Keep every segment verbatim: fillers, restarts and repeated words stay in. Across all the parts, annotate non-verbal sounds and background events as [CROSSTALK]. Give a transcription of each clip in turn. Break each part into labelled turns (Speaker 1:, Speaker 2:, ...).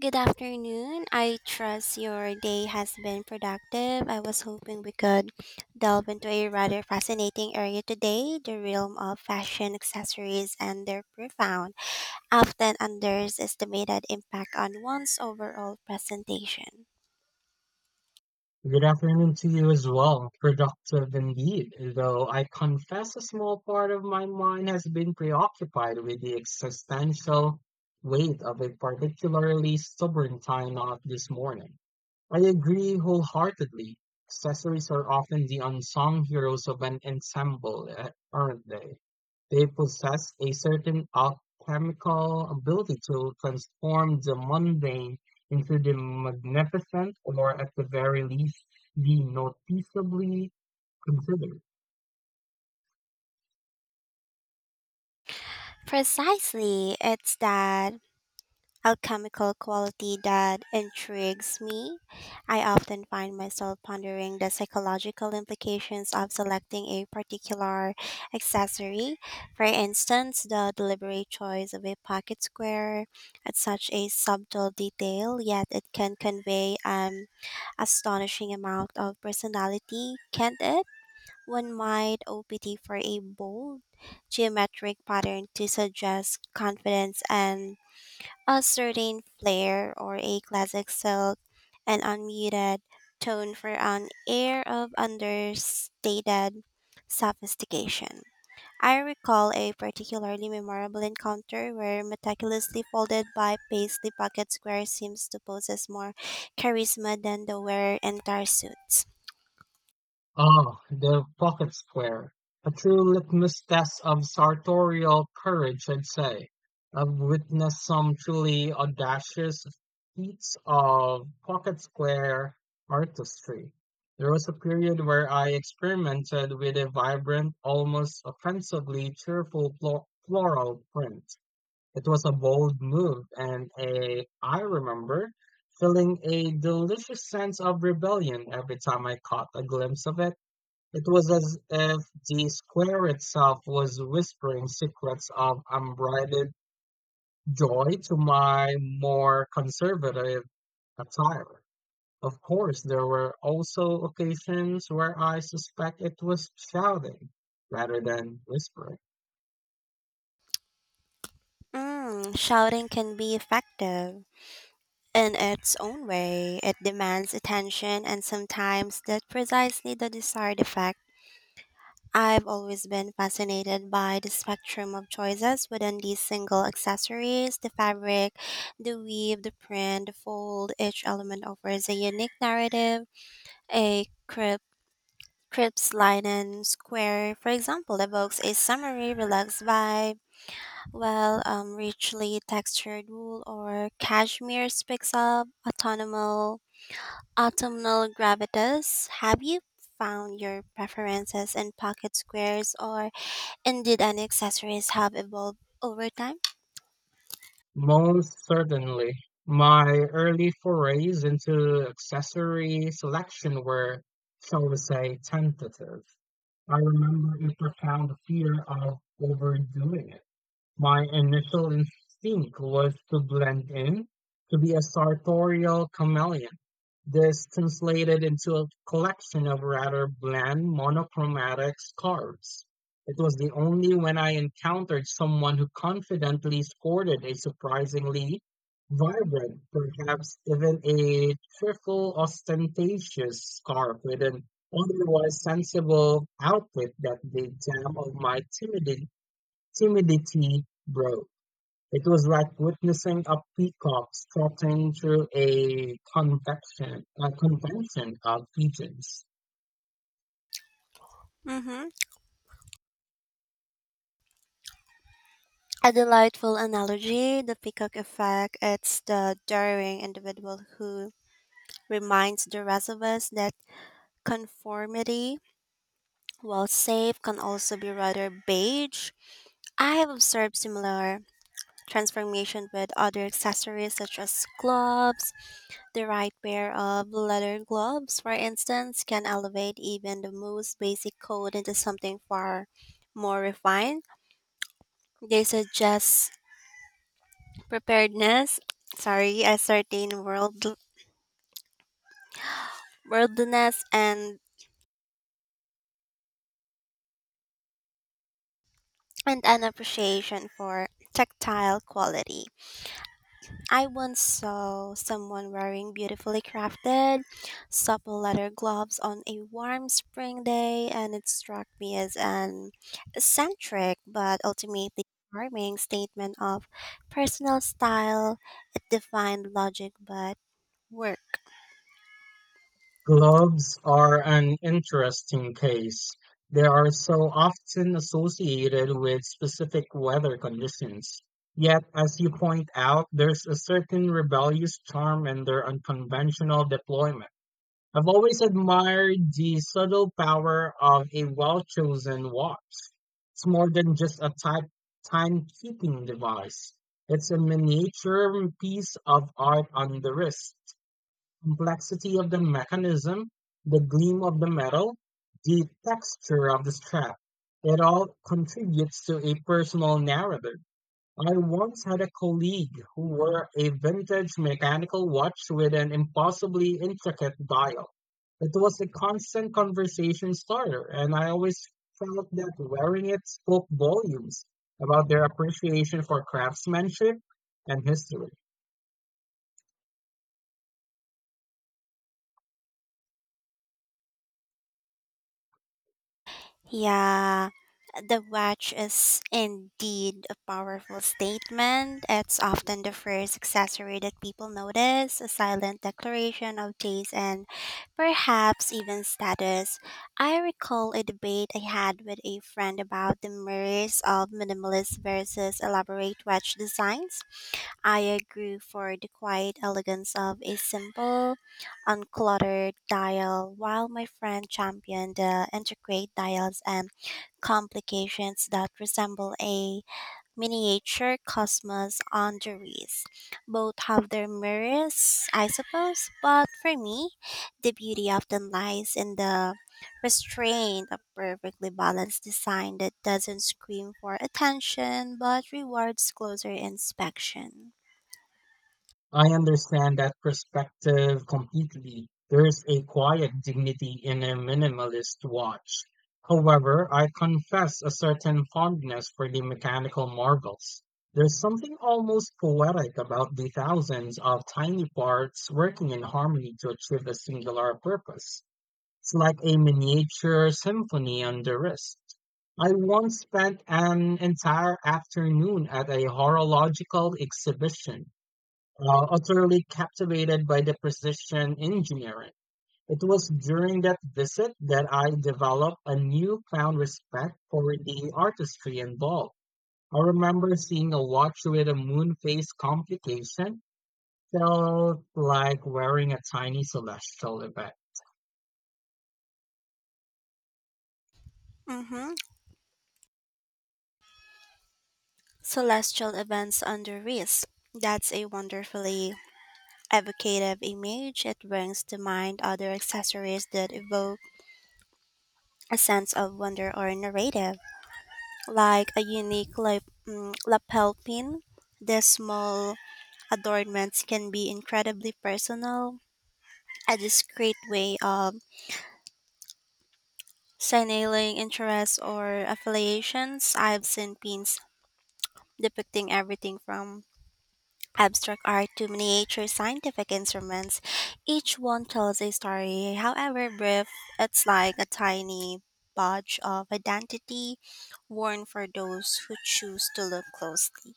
Speaker 1: Good afternoon. I trust your day has been productive. I was hoping we could delve into a rather fascinating area today, the realm of fashion accessories and their profound, often underestimated impact on one's overall presentation.
Speaker 2: Good afternoon to you as well. Productive indeed, though I confess a small part of my mind has been preoccupied with the existential weight of a particularly stubborn tie knot this morning. I agree wholeheartedly. Accessories are often the unsung heroes of an ensemble, eh, aren't they? They possess a certain alchemical ability to transform the mundane into the magnificent, or at the very least, the noticeably considered.
Speaker 1: Precisely, it's that alchemical quality that intrigues me. I often find myself pondering the psychological implications of selecting a particular accessory. For instance, the deliberate choice of a pocket square at such a subtle detail, yet it can convey an astonishing amount of personality, can't it? One might opt for a bold geometric pattern to suggest confidence and a certain flair, or a classic silk, an unmuted tone for an air of understated sophistication. I recall a particularly memorable encounter where meticulously folded by paisley pocket square seems to possess more charisma than the wearer entire suits.
Speaker 2: Ah, the pocket square. A true litmus test of sartorial courage, I'd say. I've witnessed some truly audacious feats of pocket square artistry. There was a period where I experimented with a vibrant, almost offensively cheerful flo- floral print. It was a bold move, and a, I remember feeling a delicious sense of rebellion every time I caught a glimpse of it. It was as if the square itself was whispering secrets of unbridled joy to my more conservative attire. Of course, there were also occasions where I suspect it was shouting rather than whispering.
Speaker 1: Mm, shouting can be effective in its own way. It demands attention, and sometimes that precisely the desired effect. I've always been fascinated by the spectrum of choices within these single accessories, the fabric, the weave, the print, the fold. Each element offers a unique narrative. A crib, crisp linen square, for example, evokes a summery, relaxed vibe, while um, richly textured wool or cashmere speaks of autumnal, autumnal gravitas. Have you found your preferences in pocket squares, or indeed, and accessories have evolved over time.
Speaker 2: Most certainly, my early forays into accessory selection were, shall we say, tentative. I remember a profound fear of overdoing it. My initial instinct was to blend in, to be a sartorial chameleon. This translated into a collection of rather bland monochromatic scarves. It was the only when I encountered someone who confidently sported a surprisingly vibrant, perhaps even a trifle ostentatious scarf with an otherwise sensible outfit that the dam of my timidity, timidity broke. It was like witnessing a peacock strutting through a convection, a convention of pigeons.
Speaker 1: Mm-hmm. A delightful analogy, the peacock effect. It's the daring individual who reminds the rest of us that conformity, while safe, can also be rather beige. I have observed similar transformation with other accessories such as gloves. The right pair of leather gloves, for instance, can elevate even the most basic coat into something far more refined. They suggest preparedness, sorry, a certain world worldliness, and and an appreciation for tactile quality. I once saw someone wearing beautifully crafted, supple leather gloves on a warm spring day, and it struck me as an eccentric but ultimately charming statement of personal style. It defined logic but work.
Speaker 2: Gloves are an interesting case. They are so often associated with specific weather conditions. Yet, as you point out, there's a certain rebellious charm in their unconventional deployment. I've always admired the subtle power of a well-chosen watch. It's more than just a type timekeeping device. It's a miniature piece of art on the wrist. Complexity of the mechanism, the gleam of the metal, the texture of the strap. It all contributes to a personal narrative. I once had a colleague who wore a vintage mechanical watch with an impossibly intricate dial. It was a constant conversation starter, and I always felt that wearing it spoke volumes about their appreciation for craftsmanship and history.
Speaker 1: Yeah, the watch is indeed a powerful statement. It's often the first accessory that people notice, a silent declaration of taste and perhaps even status. I recall a debate I had with a friend about the merits of minimalist versus elaborate watch designs. I agree for the quiet elegance of a simple, uncluttered dial, while my friend championed the intricate dials and complications that resemble a miniature cosmos on the wrist. Both have their merits, I suppose, but for me, the beauty often lies in the restraint of perfectly balanced design that doesn't scream for attention but rewards closer inspection.
Speaker 2: I understand that perspective completely. There's a quiet dignity in a minimalist watch. However, I confess a certain fondness for the mechanical marvels. There's something almost poetic about the thousands of tiny parts working in harmony to achieve a singular purpose. It's like a miniature symphony on the wrist. I once spent an entire afternoon at a horological exhibition, uh, utterly captivated by the precision engineering. It was during that visit that I developed a newfound respect for the artistry involved. I remember seeing a watch with a moon phase complication felt like wearing a tiny celestial event.
Speaker 1: Mm-hmm. Celestial events under risk. That's a wonderfully evocative image. It brings to mind other accessories that evoke a sense of wonder or narrative, like a unique lap- mm, lapel pin. These small adornments can be incredibly personal, a discreet way of signaling interests or affiliations. I've seen pins depicting everything from abstract art to miniature scientific instruments. Each one tells a story, however brief. It's like a tiny badge of identity worn for those who choose to look closely.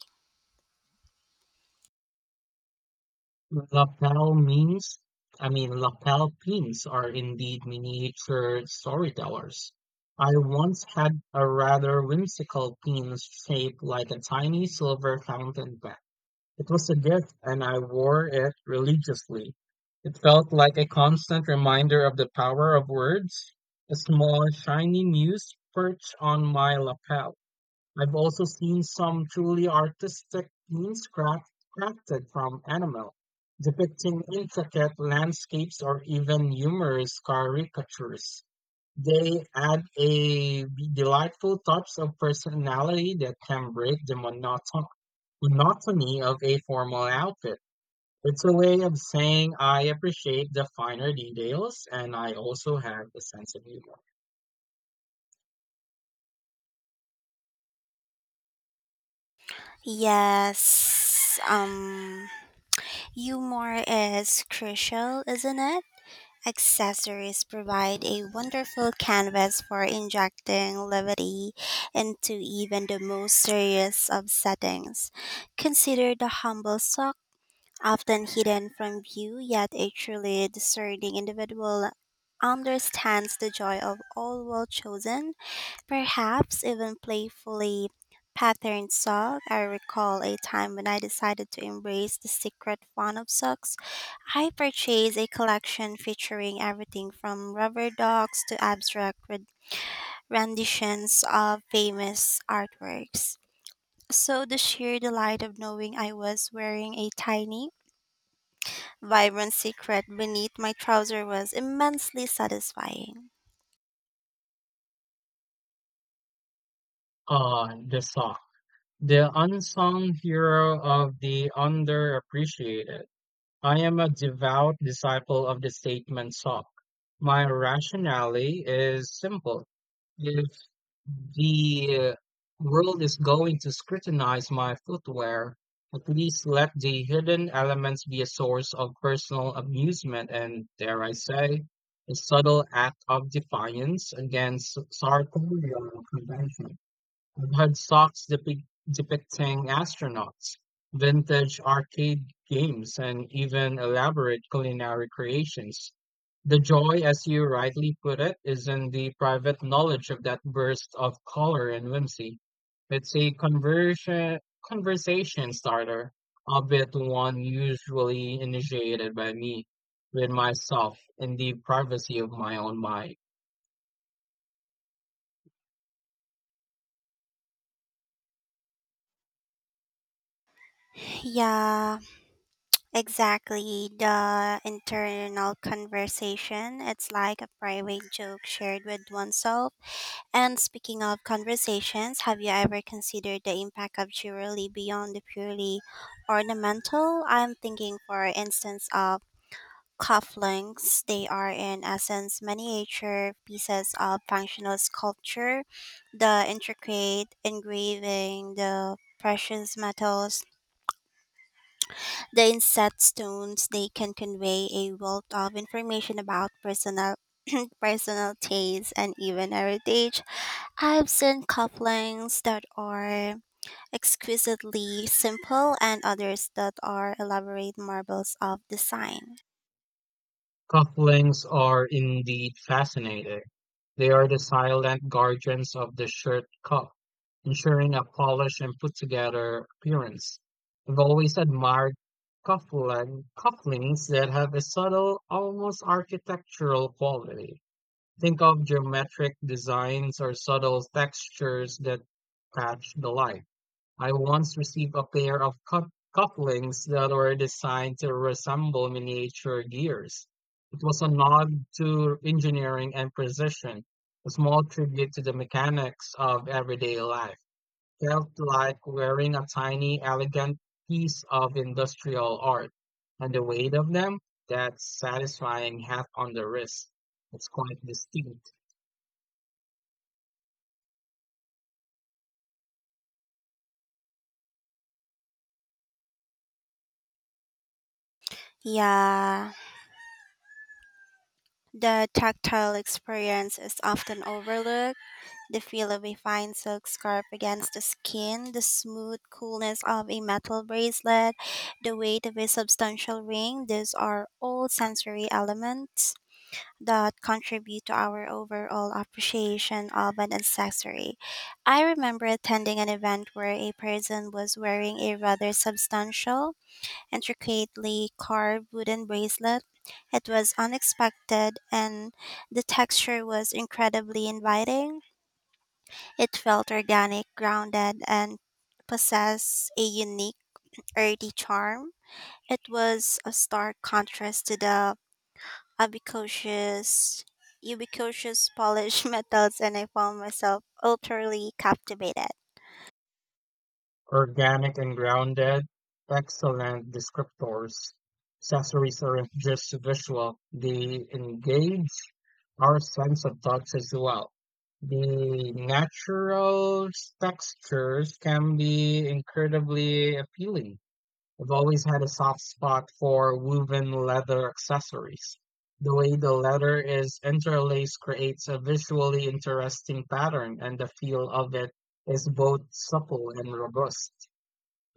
Speaker 2: Lapel means, I mean, Lapel pins are indeed miniature storytellers. I once had a rather whimsical pin shaped like a tiny silver fountain pen. It was a gift and I wore it religiously. It felt like a constant reminder of the power of words, a small shiny muse perched on my lapel. I've also seen some truly artistic themes craft, crafted from animal, depicting intricate landscapes or even humorous caricatures. They add a delightful touch of personality that can break the monoton- monotony of a formal outfit. It's a way of saying I appreciate the finer details and I also have a sense of humor.
Speaker 1: Yes, um, humor is crucial, isn't it? Accessories provide a wonderful canvas for injecting levity into even the most serious of settings. Consider the humble sock, often hidden from view, yet a truly discerning individual understands the joy of all well chosen, perhaps even playfully patterned sock. I recall a time when I decided to embrace the secret fun of socks. I purchased a collection featuring everything from rubber ducks to abstract red- renditions of famous artworks. So the sheer delight of knowing I was wearing a tiny vibrant secret beneath my trouser was immensely satisfying.
Speaker 2: Uh, the sauce. The unsung hero of the underappreciated. I am a devout disciple of the statement sock. My rationale is simple. If the uh, world is going to scrutinize my footwear, at least let the hidden elements be a source of personal amusement and, dare I say, a subtle act of defiance against sartorial convention had socks depic- depicting astronauts, vintage arcade games, and even elaborate culinary creations. The joy, as you rightly put it, is in the private knowledge of that burst of color and whimsy. It's a conversion, conversation starter, albeit one usually initiated by me with myself in the privacy of my own mind.
Speaker 1: Yeah, exactly. The internal conversation. It's like a private joke shared with oneself. And speaking of conversations, have you ever considered the impact of jewelry beyond the purely ornamental? I'm thinking, for instance, of cufflinks. They are, in essence, miniature pieces of functional sculpture. The intricate engraving, the precious metals, the inset stones, they can convey a wealth of information about personal. [CLEARS THROAT] Personal taste and even heritage. I've seen cufflinks that are exquisitely simple and others that are elaborate marvels of design.
Speaker 2: Cufflinks are indeed fascinating. They are the silent guardians of the shirt cuff, ensuring a polished and put-together appearance. I've always admired cufflink cufflinks that have a subtle, almost architectural quality. Think of geometric designs or subtle textures that catch the light. I once received a pair of cuff cufflinks that were designed to resemble miniature gears. It was a nod to engineering and precision, a small tribute to the mechanics of everyday life. Felt like wearing a tiny, elegant piece of industrial art. And the weight of them, that satisfying hat on the wrist. It's quite distinct.
Speaker 1: Yeah, the tactile experience is often overlooked. The feel of a fine silk scarf against the skin, the smooth coolness of a metal bracelet, the weight of a substantial ring, these are all sensory elements that contribute to our overall appreciation of an accessory. I remember attending an event where a person was wearing a rather substantial intricately carved wooden bracelet. It was unexpected and the texture was incredibly inviting. It felt organic, grounded, and possessed a unique earthy charm. It was a stark contrast to the ubiquitous ubiquitous polished [LAUGHS] metals, and I found myself utterly captivated.
Speaker 2: Organic and grounded, excellent descriptors. Accessories aren't just visual, they engage our sense of touch as well. The natural textures can be incredibly appealing. I've always had a soft spot for woven leather accessories. The way the leather is interlaced creates a visually interesting pattern, and the feel of it is both supple and robust.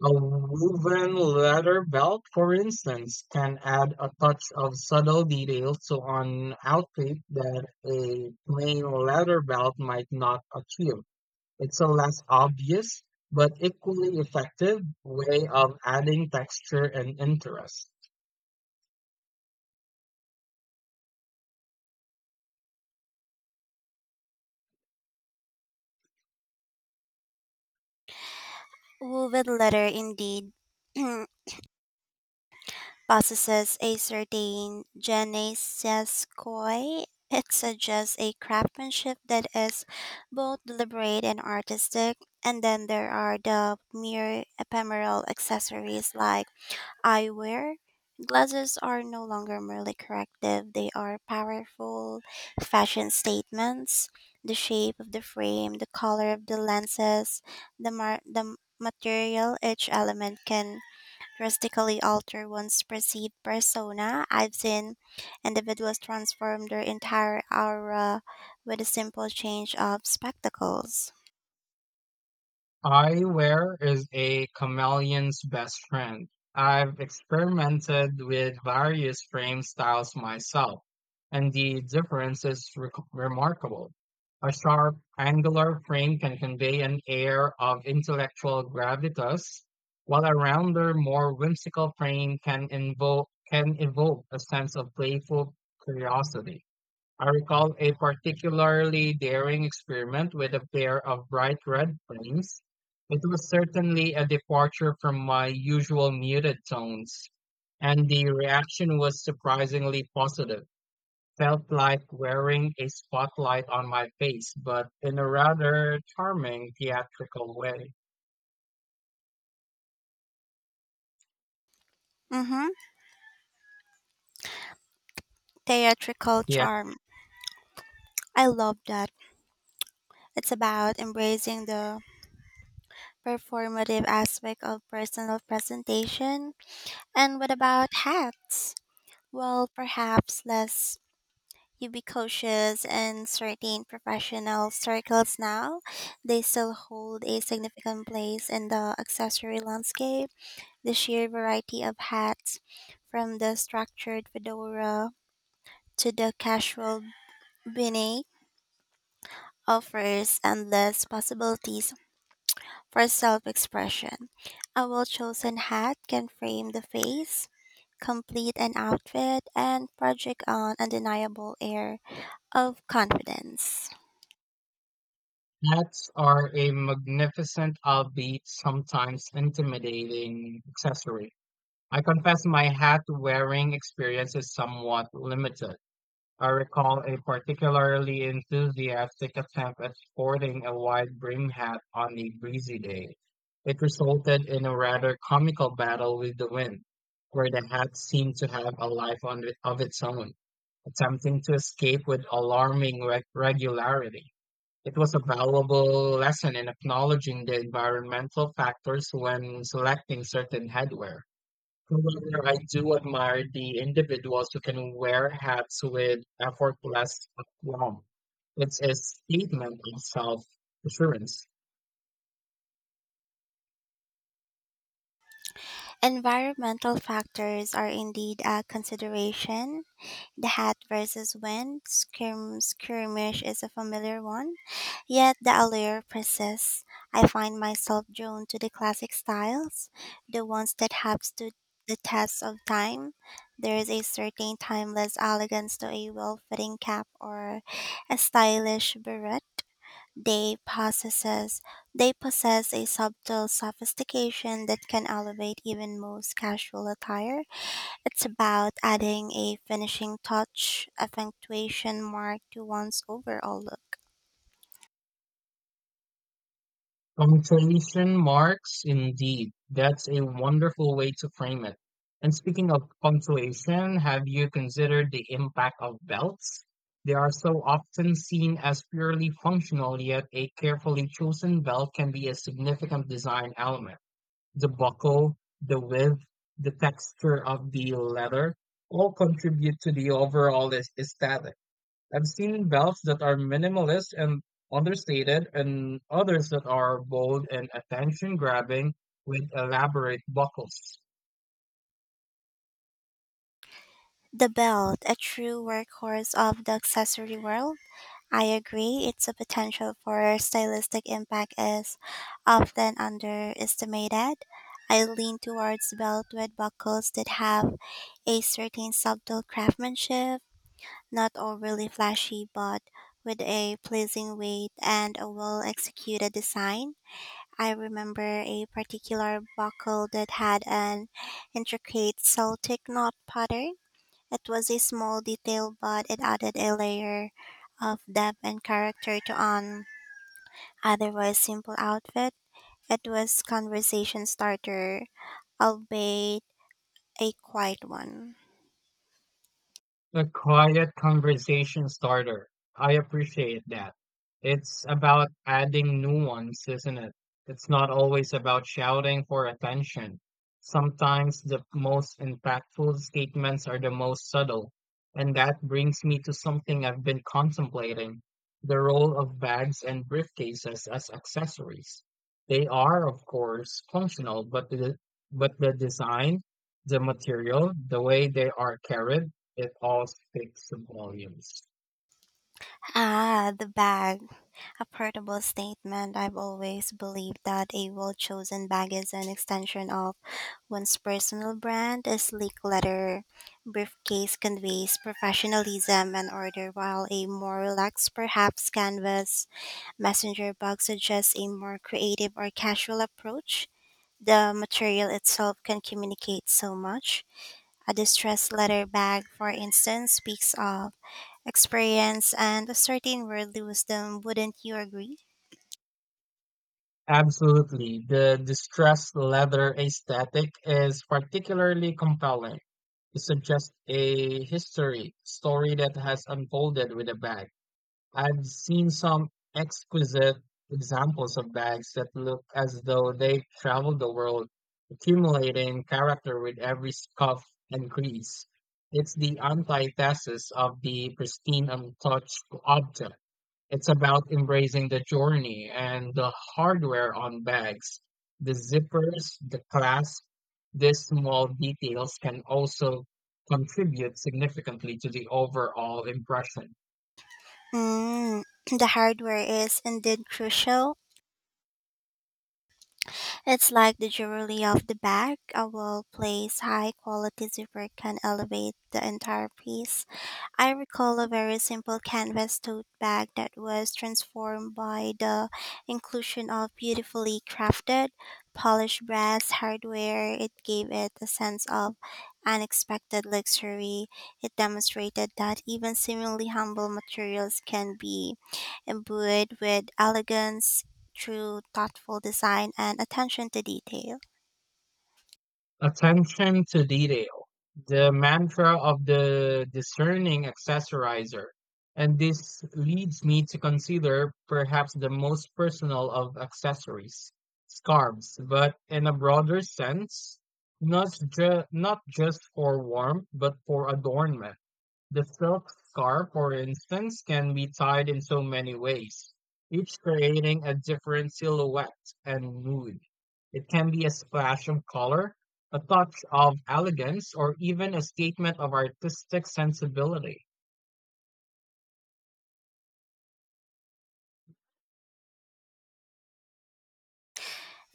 Speaker 2: A woven leather belt, for instance, can add a touch of subtle detail to an outfit that a plain leather belt might not achieve. It's a less obvious but equally effective way of adding texture and interest.
Speaker 1: Woven leather indeed. [CLEARS THROAT] Possesses a certain je ne sais quoi. It suggests a craftsmanship that is both deliberate and artistic. And then there are the mere ephemeral accessories like eyewear. Glasses are no longer merely corrective, they are powerful fashion statements. The shape of the frame, the color of the lenses, the, mar- the material, each element can drastically alter one's perceived persona. I've seen individuals transform their entire aura with a simple change of spectacles.
Speaker 2: Eyewear is a chameleon's best friend. I've experimented with various frame styles myself, and the difference is rec remarkable. A sharp, angular frame can convey an air of intellectual gravitas, while a rounder, more whimsical frame can invoke can evoke a sense of playful curiosity. I recall a particularly daring experiment with a pair of bright red flames. It was certainly a departure from my usual muted tones, and the reaction was surprisingly positive. Felt like wearing a spotlight on my face, but in a rather charming theatrical way.
Speaker 1: Mm-hmm. Theatrical
Speaker 2: Yeah,
Speaker 1: charm. I love that. It's about embracing the performative aspect of personal presentation. And what about hats? Well, perhaps less ubiquitous in certain professional circles now, they still hold a significant place in the accessory landscape. The sheer variety of hats, from the structured fedora to the casual beanie, offers endless possibilities for self expression. A well chosen hat can frame the face, complete an outfit, and project an undeniable air of confidence.
Speaker 2: hats are a magnificent, albeit sometimes intimidating, accessory. I confess my hat wearing experience is somewhat limited. I recall a particularly enthusiastic attempt at sporting a wide brim hat on a breezy day. It resulted in a rather comical battle with the wind, where the hat seemed to have a life on it- of its own, attempting to escape with alarming reg- regularity. It was a valuable lesson in acknowledging the environmental factors when selecting certain headwear. However, I do admire the individuals who can wear hats with effortless aplomb. It's a statement of self-assurance.
Speaker 1: Environmental factors are indeed a consideration. The hat versus wind skirm- skirmish is a familiar one, yet the allure persists. I find myself drawn to the classic styles, the ones that have stood the test of time. There is a certain timeless elegance to a well fitting cap or a stylish beret. They possesses they possess a subtle sophistication that can elevate even most casual attire. It's about adding a finishing touch, a punctuation mark to one's overall look.
Speaker 2: Punctuation marks, indeed. That's a wonderful way to frame it. And speaking of punctuation, have you considered the impact of belts? They are so often seen as purely functional, yet a carefully chosen belt can be a significant design element. The buckle, the width, the texture of the leather all contribute to the overall aes- aesthetic. I've seen belts that are minimalist and understated, and others that are bold and attention grabbing with elaborate buckles.
Speaker 1: The belt, a true workhorse of the accessory world. I agree, its potential for stylistic impact is often underestimated. I lean towards belt with buckles that have a certain subtle craftsmanship. Not overly flashy, but with a pleasing weight and a well executed design. I remember a particular buckle that had an intricate Celtic knot pattern. It was a small detail, but it added a layer of depth and character to an otherwise simple outfit. It was conversation starter, albeit a quiet one.
Speaker 2: A quiet conversation starter. I appreciate that. It's about adding nuance, isn't it? It's not always about shouting for attention. Sometimes the most impactful statements are the most subtle. And that brings me to something I've been contemplating, the role of bags and briefcases as accessories. They are, of course, functional, but the, but the design, the material, the way they are carried, it all speaks volumes.
Speaker 1: Ah, the bag. A portable statement. I've always believed that a well chosen bag is an extension of one's personal brand. A sleek leather briefcase conveys professionalism and order, while a more relaxed, perhaps canvas messenger bag suggests a more creative or casual approach. The material itself can communicate so much. A distressed leather bag, for instance, speaks of experience and a certain worldly wisdom, wouldn't you agree?
Speaker 2: Absolutely. The distressed leather aesthetic is particularly compelling. It suggests a history story that has unfolded with a bag. I've seen some exquisite examples of bags that look as though they've traveled the world, accumulating character with every scuff and crease. It's the antithesis of the pristine, untouched object. It's about embracing the journey and the hardware on bags, the zippers, the clasp. These small details can also contribute significantly to the overall impression.
Speaker 1: Mm, [CLEARS THROAT] the hardware is indeed crucial. It's like the jewelry of the bag. A well placed, high quality zipper can elevate the entire piece. I recall a very simple canvas tote bag that was transformed by the inclusion of beautifully crafted, polished brass hardware. It gave it a sense of unexpected luxury. It demonstrated that even seemingly humble materials can be imbued with elegance through thoughtful design and attention to detail.
Speaker 2: Attention to detail, the mantra of the discerning accessorizer. And this leads me to consider perhaps the most personal of accessories, scarves, but in a broader sense, not, ju- not just for warmth, but for adornment. The silk scarf, for instance, can be tied in so many ways, each creating a different silhouette and mood. It can be a splash of color, a touch of elegance, or even a statement of artistic sensibility.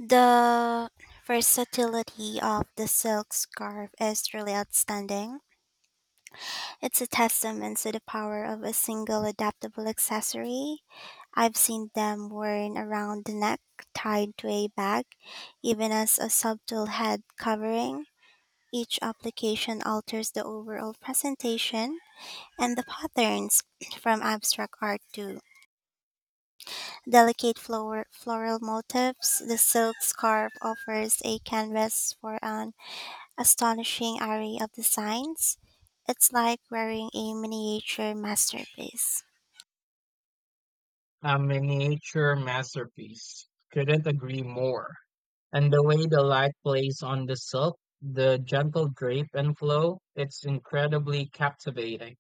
Speaker 1: The versatility of the silk scarf is really outstanding. It's a testament to the power of a single adaptable accessory. I've seen them worn around the neck, tied to a bag, even as a subtle head covering. Each application alters the overall presentation and the patterns [CLEARS THROAT] from abstract art to delicate flor- floral motifs, the silk scarf offers a canvas for an astonishing array of designs. It's like wearing a miniature masterpiece.
Speaker 2: A miniature masterpiece. Couldn't agree more. And the way the light plays on the silk, the gentle drape and flow, it's incredibly captivating.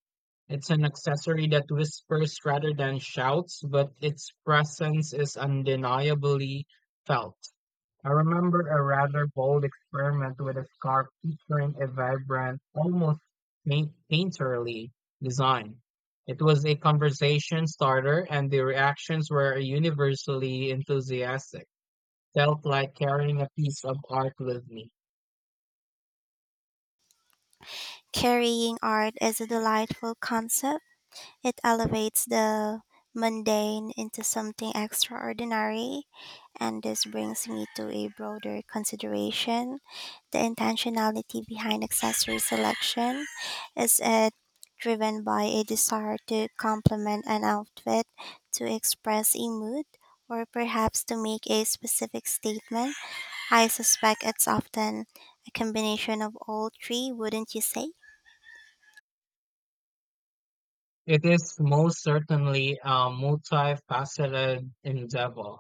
Speaker 2: It's an accessory that whispers rather than shouts, but its presence is undeniably felt. I remember a rather bold experiment with a scarf featuring a vibrant, almost paint- painterly design. It was a conversation starter, and the reactions were universally enthusiastic felt like carrying a piece of art with me.
Speaker 1: Carrying art is a delightful concept. It elevates the mundane into something extraordinary, and this brings me to a broader consideration. The intentionality behind accessory selection, is it driven by a desire to complement an outfit, to express a mood, or perhaps to make a specific statement? I suspect it's often a combination of all three, wouldn't you say?
Speaker 2: It is most certainly a multifaceted endeavor.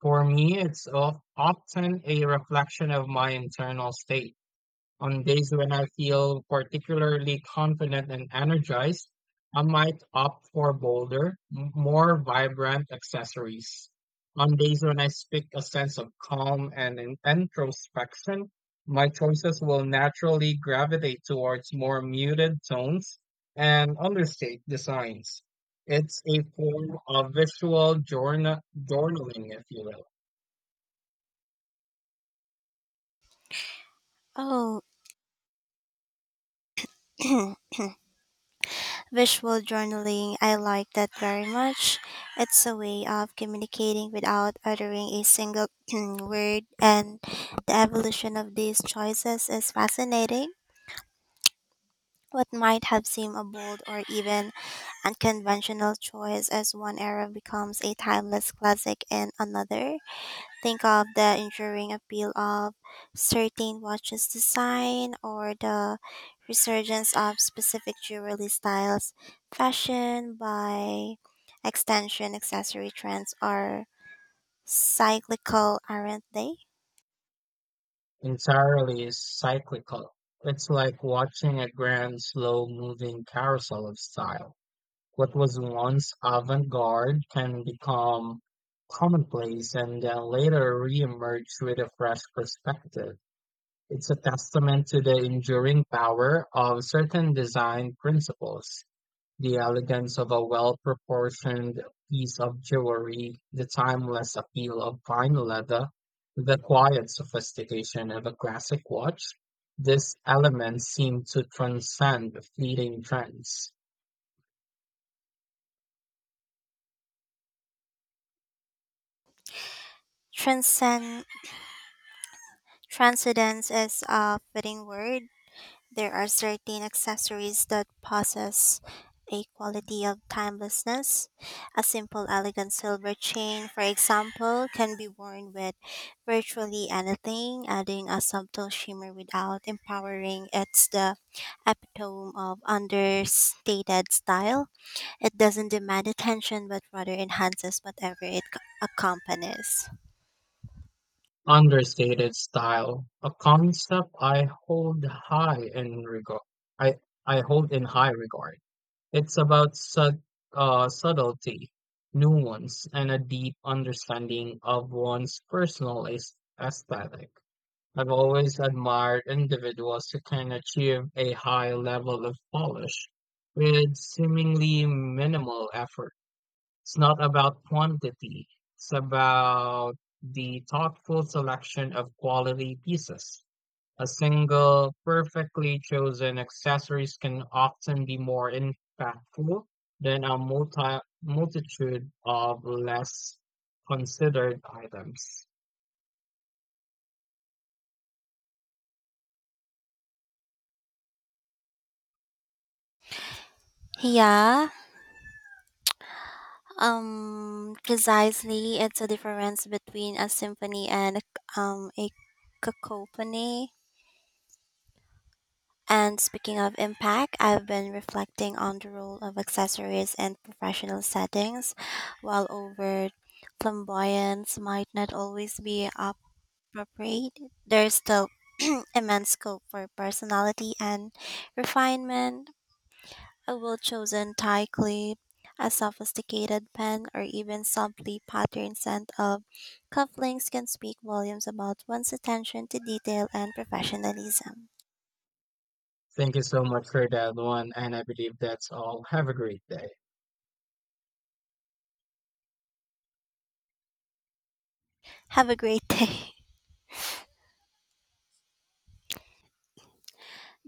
Speaker 2: For me, it's of, often a reflection of my internal state. On days when I feel particularly confident and energized, I might opt for bolder, m- more vibrant accessories. On days when I speak a sense of calm and in- introspection, my choices will naturally gravitate towards more muted tones and understated designs. It's a form of visual journa- journaling, if you will.
Speaker 1: Oh, [CLEARS THROAT] visual journaling, I like that very much. It's a way of communicating without uttering a single [CLEARS THROAT] word, and the evolution of these choices is fascinating. What might have seemed a bold or even unconventional choice as one era becomes a timeless classic in another. Think of the enduring appeal of certain watches design, or the resurgence of specific jewelry styles. Fashion, by extension, accessory trends are cyclical, aren't they?
Speaker 2: Entirely is cyclical. It's like watching a grand, slow moving carousel of style. What was once avant garde can become commonplace and then later reemerge with a fresh perspective. It's a testament to the enduring power of certain design principles. The elegance of a well-proportioned piece of jewelry, the timeless appeal of fine leather, the quiet sophistication of a classic watch, these elements seem to transcend fleeting trends.
Speaker 1: Transcend, Transcendence is a fitting word. There are certain accessories that possess a quality of timelessness. A simple, elegant silver chain, for example, can be worn with virtually anything, adding a subtle shimmer without empowering. It's the epitome of understated style. It doesn't demand attention, but rather enhances whatever it c- accompanies.
Speaker 2: Understated style, a concept I hold high in regard. I, I hold in high regard. It's about sub, uh, subtlety, nuance, and a deep understanding of one's personal aes- aesthetic. I've always admired individuals who can achieve a high level of polish with seemingly minimal effort. It's not about quantity, it's about the thoughtful selection of quality pieces. A single, perfectly chosen accessories can often be more impactful than a multi multitude of less considered items.
Speaker 1: Yeah. Um, precisely, it's a difference between a symphony and a- um, a cacophony. And speaking of impact, I've been reflecting on the role of accessories in professional settings. While overt flamboyance might not always be appropriate, there's still [CLEARS THROAT] immense scope for personality and refinement. A well-chosen tie clip, a sophisticated pen, or even subtly patterned scent of cufflinks can speak volumes about one's attention to detail and professionalism.
Speaker 2: Thank you so much for that one, and I believe that's all. Have a great day.
Speaker 1: Have a great day. [LAUGHS]